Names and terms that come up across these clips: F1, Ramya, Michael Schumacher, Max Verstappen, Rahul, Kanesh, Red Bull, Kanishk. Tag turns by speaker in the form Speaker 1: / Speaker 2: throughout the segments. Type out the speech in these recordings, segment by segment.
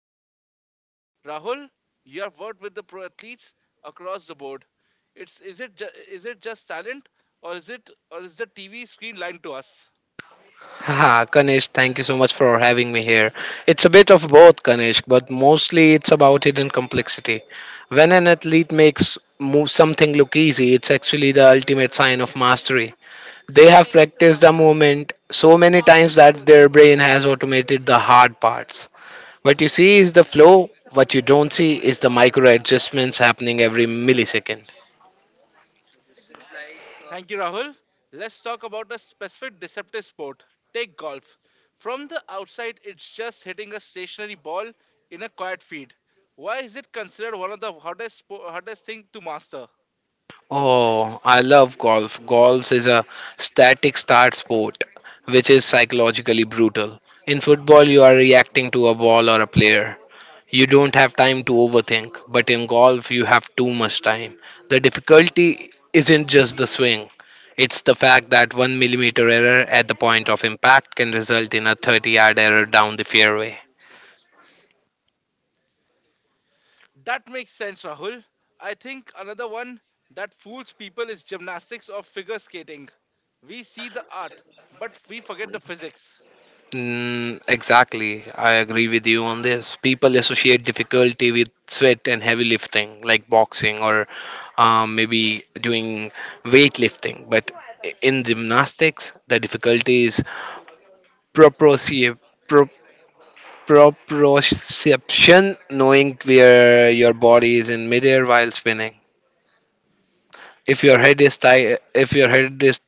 Speaker 1: Rahul with me. Rahul, you have worked with the pro athletes across the board. It's Is it is it just talent or is the TV screen lying to us?
Speaker 2: Haha, Kanesh, thank you so much for having me here. It's a bit of both, Kanesh, but mostly it's about hidden complexity. When an athlete makes move something look easy, it's actually the ultimate sign of mastery. They have practiced a movement so many times that their brain has automated the hard parts. What you see is the flow, what you don't see is the micro adjustments happening every millisecond.
Speaker 1: Thank you, Rahul. Let's talk about a specific deceptive sport. Take golf. From the outside, it's just hitting a stationary ball in a quiet field. Why is it considered one of the hardest hardest thing to master?
Speaker 2: Oh, I love golf. Golf is a static start sport, which is psychologically brutal. In football, you are reacting to a ball or a player. You don't have time to overthink, but in golf, you have too much time. The difficulty isn't just the swing, it's the fact that one millimeter error at the point of impact can result in a 30-yard error down the fairway.
Speaker 1: That makes sense, Rahul. I think another one that fools people is gymnastics or figure skating. We see the art, but we forget the physics.
Speaker 2: Mm, exactly. I agree with you on this. People associate difficulty with sweat and heavy lifting, like boxing or maybe doing weightlifting. But in gymnastics, the difficulty is proprioce- pro- proprioception, knowing where your body is in midair while spinning. If your head is ti- If your head is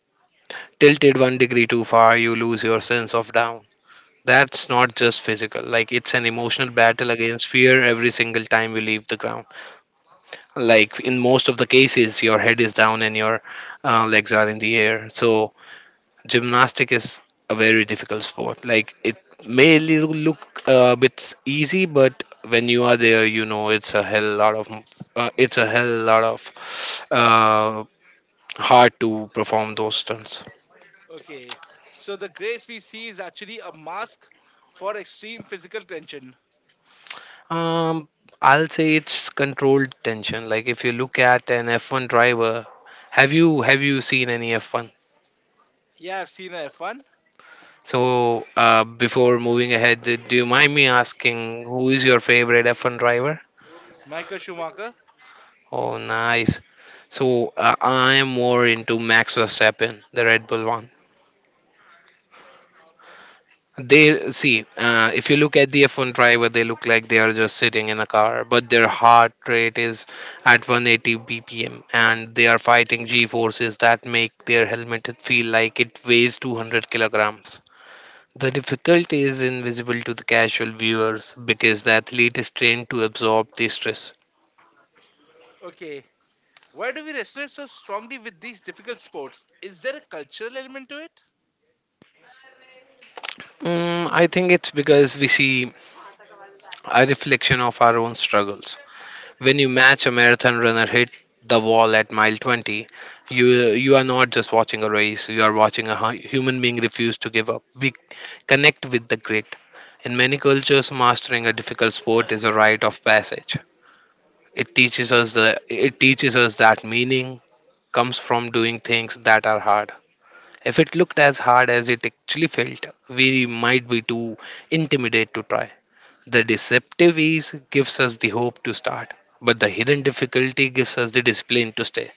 Speaker 2: tilted one degree too far, you lose your sense of down. That's not just physical, like it's an emotional battle against fear every single time we leave the ground. Like in most of the cases, your head is down and your legs are in the air. So, gymnastic is a very difficult sport. Like it look a bit easy, but when you are there, you know it's a hell lot of hard to perform those stunts.
Speaker 1: Okay, so the grace we see is actually a mask for extreme physical tension.
Speaker 2: Um, I'll say it's controlled tension. Like if you look at an F1 driver, have you seen any F1?
Speaker 1: Yeah, I've seen a F1.
Speaker 2: So before moving ahead, do you mind me asking who is your favorite F1 driver?
Speaker 1: Michael Schumacher.
Speaker 2: Oh, nice. So I am more into Max Verstappen, the Red Bull one. They see, if you look at the F1 driver, they look like they are just sitting in a car, but their heart rate is at 180 BPM and they are fighting G forces that make their helmet feel like it weighs 200 kilograms. The difficulty is invisible to the casual viewers because the athlete is trained to absorb the stress.
Speaker 1: Okay, why do we resonate so strongly with these difficult sports? Is there a cultural element to it?
Speaker 2: Mm, I think it's because we see a reflection of our own struggles. When you match a marathon runner hit the wall at mile 20, you you are not just watching a race, you are watching a human being refuse to give up. We connect with the grit. In many cultures, mastering a difficult sport is a rite of passage. It teaches us the it teaches us that meaning comes from doing things that are hard. If it looked as hard as it actually felt, we might be too intimidated to try. The deceptive ease gives us the hope to start, but the hidden difficulty gives us the discipline to stay.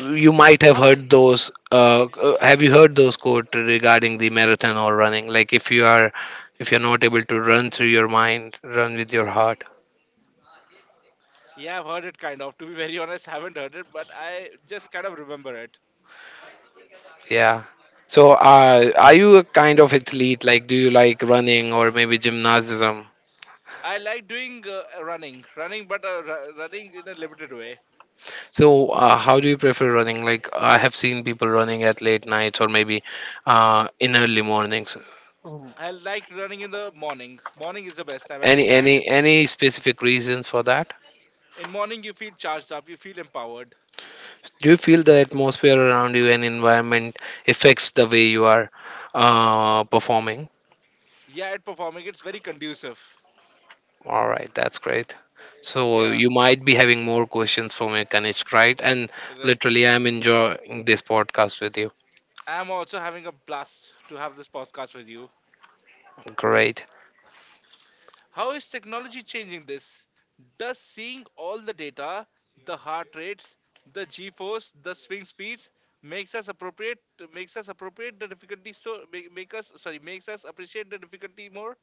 Speaker 2: You might have
Speaker 1: How?
Speaker 2: heard those. Have you heard those quote regarding the marathon or running? If you're not able to run through your mind, run with your heart.
Speaker 1: Yeah, I've heard it kind of. To be very honest, haven't heard it, but I just kind of remember it.
Speaker 2: Yeah. So, are you a kind of athlete? Like, do you like running or maybe gymnasm?
Speaker 1: I like doing running, but running in a limited way.
Speaker 2: So, how do you prefer running? Like, I have seen people running at late nights or maybe in early mornings.
Speaker 1: I like running in the morning. Morning is the best time. I
Speaker 2: Any
Speaker 1: think night.
Speaker 2: any any specific reasons for that?
Speaker 1: In morning, you feel charged up. You feel empowered.
Speaker 2: Do you feel the atmosphere around you and environment affects the way you are performing?
Speaker 1: Yeah, at performing, it's very conducive.
Speaker 2: All right, that's great. So
Speaker 1: Yeah,
Speaker 2: you might be having more questions for me, Kanishk, right? And
Speaker 1: right.
Speaker 2: literally, I'm enjoying this podcast with you.
Speaker 1: I'm also having a blast to have this podcast with you.
Speaker 2: Great.
Speaker 1: How is technology changing this? Does seeing all the data, the heart rates, the G-force, the swing speeds makes us appropriate makes us appropriate the difficulty makes us appreciate the difficulty more?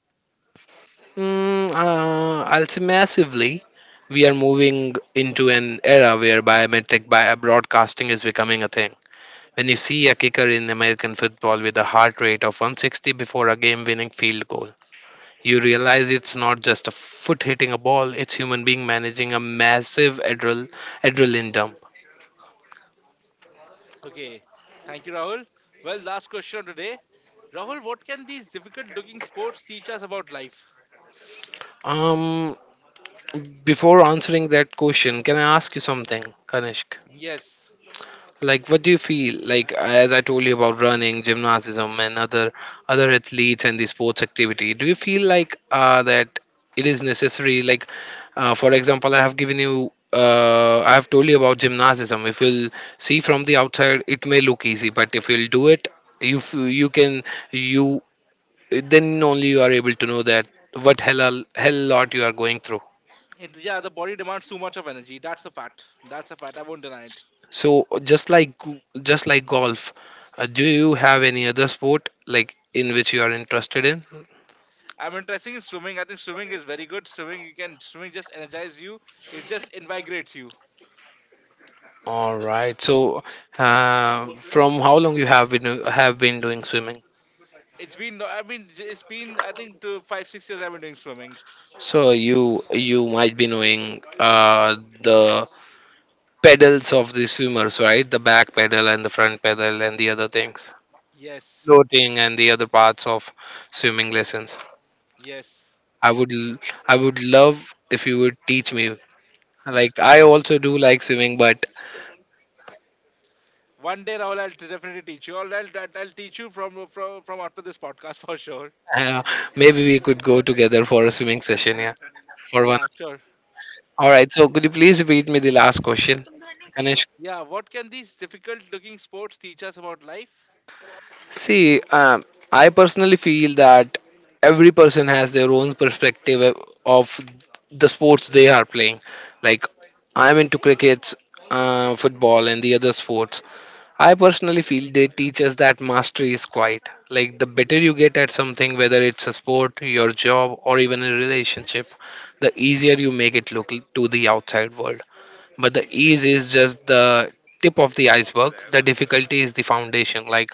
Speaker 2: Mm, I'll say massively, we are moving into an era where biometric bio broadcasting is becoming a thing. When you see a kicker in American football with a heart rate of 160 before a game winning field goal, you realize it's not just a foot hitting a ball, it's human being managing a massive adrenaline dump.
Speaker 1: Okay, thank you, Rahul. Well, last question of today, Rahul. What can these difficult-looking sports teach us about life?
Speaker 2: Um, before answering that question, can I ask you something, Kanishk?
Speaker 1: Yes.
Speaker 2: Like what do you feel like? As I told you about running, gymnasticism, and other athletes and the sports activity, do you feel like that it is necessary? Like for example, I have given you I have told you about gymnasticism. If you'll see from the outside, it may look easy, but if you'll do it, you f- you can you then only you are able to know that what hell lot you are going through.
Speaker 1: Yeah, the body demands too much of energy. That's a fact. That's a fact. I won't deny it.
Speaker 2: So just like golf, do you have any other sport like in which you are interested in?
Speaker 1: I'm interested in swimming. I think swimming is very good. Swimming just energize you. It just invigorates you.
Speaker 2: All right. So from how long you have been doing swimming?
Speaker 1: It's been. No, I mean, it's been, I think two, five, 6 years I've been doing swimming.
Speaker 2: So you might be knowing the pedals of the swimmers, right? The back pedal and the front pedal and the other things,
Speaker 1: Yes,
Speaker 2: floating and the other parts of swimming lessons.
Speaker 1: yes.
Speaker 2: I would l- I would love if you would teach me. Like I also do like swimming, but
Speaker 1: One day, Rahul, I'll definitely teach you. I'll teach you from after this podcast for sure.
Speaker 2: Uh, maybe we could go together for a swimming session, yeah, for one.
Speaker 1: Yeah, sure.
Speaker 2: All right. So could you please repeat me the last question, Kanishk?
Speaker 1: Yeah. What can these difficult-looking sports teach us about life?
Speaker 2: See, I personally feel that every person has their own perspective of the sports they are playing. Like I'm into crickets, football, and the other sports. I personally feel they teach us that mastery is quiet. Like the better you get at something, whether it's a sport, your job, or even a relationship, the easier you make it look to the outside world. But the ease is just the tip of the iceberg. The difficulty is the foundation. Like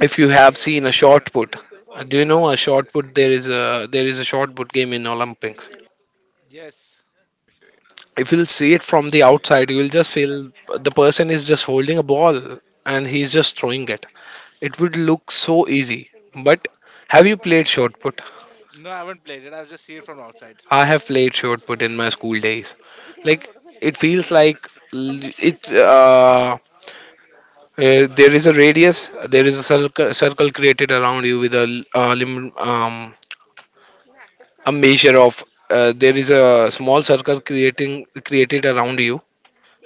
Speaker 2: if you have seen a shot put, do you know a shot put? There is a shot put game in Olympics.
Speaker 1: Yes.
Speaker 2: If you'll see it from the outside, you will just feel the person is just holding a ball and he's just throwing it. It would look so easy. But have you played shot put?
Speaker 1: No, I haven't played it. I've just seen it from outside.
Speaker 2: I have played shot put in my school days. Like it feels like l- it. There is a radius. There is a circle created around you with a a measure of. There is a small circle creating created around you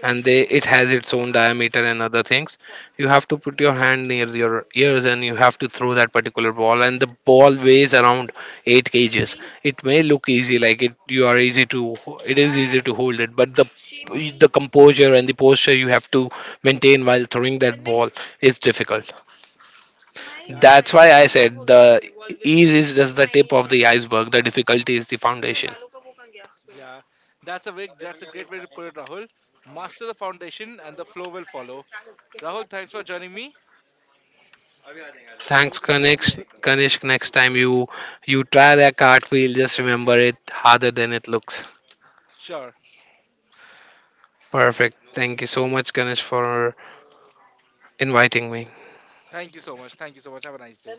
Speaker 2: and they it has its own diameter and other things. You have to put your hand near your ears and you have to throw that particular ball and the ball weighs around 8 kgs. It may look easy, like it you are easy to, it is easy to hold it, but the composure and the posture you have to maintain while throwing that ball is difficult.
Speaker 1: Yeah,
Speaker 2: That's why I said the ease is just the tip of the iceberg, the difficulty is the foundation.
Speaker 1: Yeah, that's that's a great way to put it, Rahul. Master the foundation and the flow will follow. Rahul, thanks for joining me.
Speaker 2: Thanks, Kanishk. Kanishk, next time you try that cartwheel, just remember it harder than it looks.
Speaker 1: Sure.
Speaker 2: Perfect. Thank you so much, Kanishk, for inviting me.
Speaker 1: Thank you so much. Thank you so much. Have a nice day.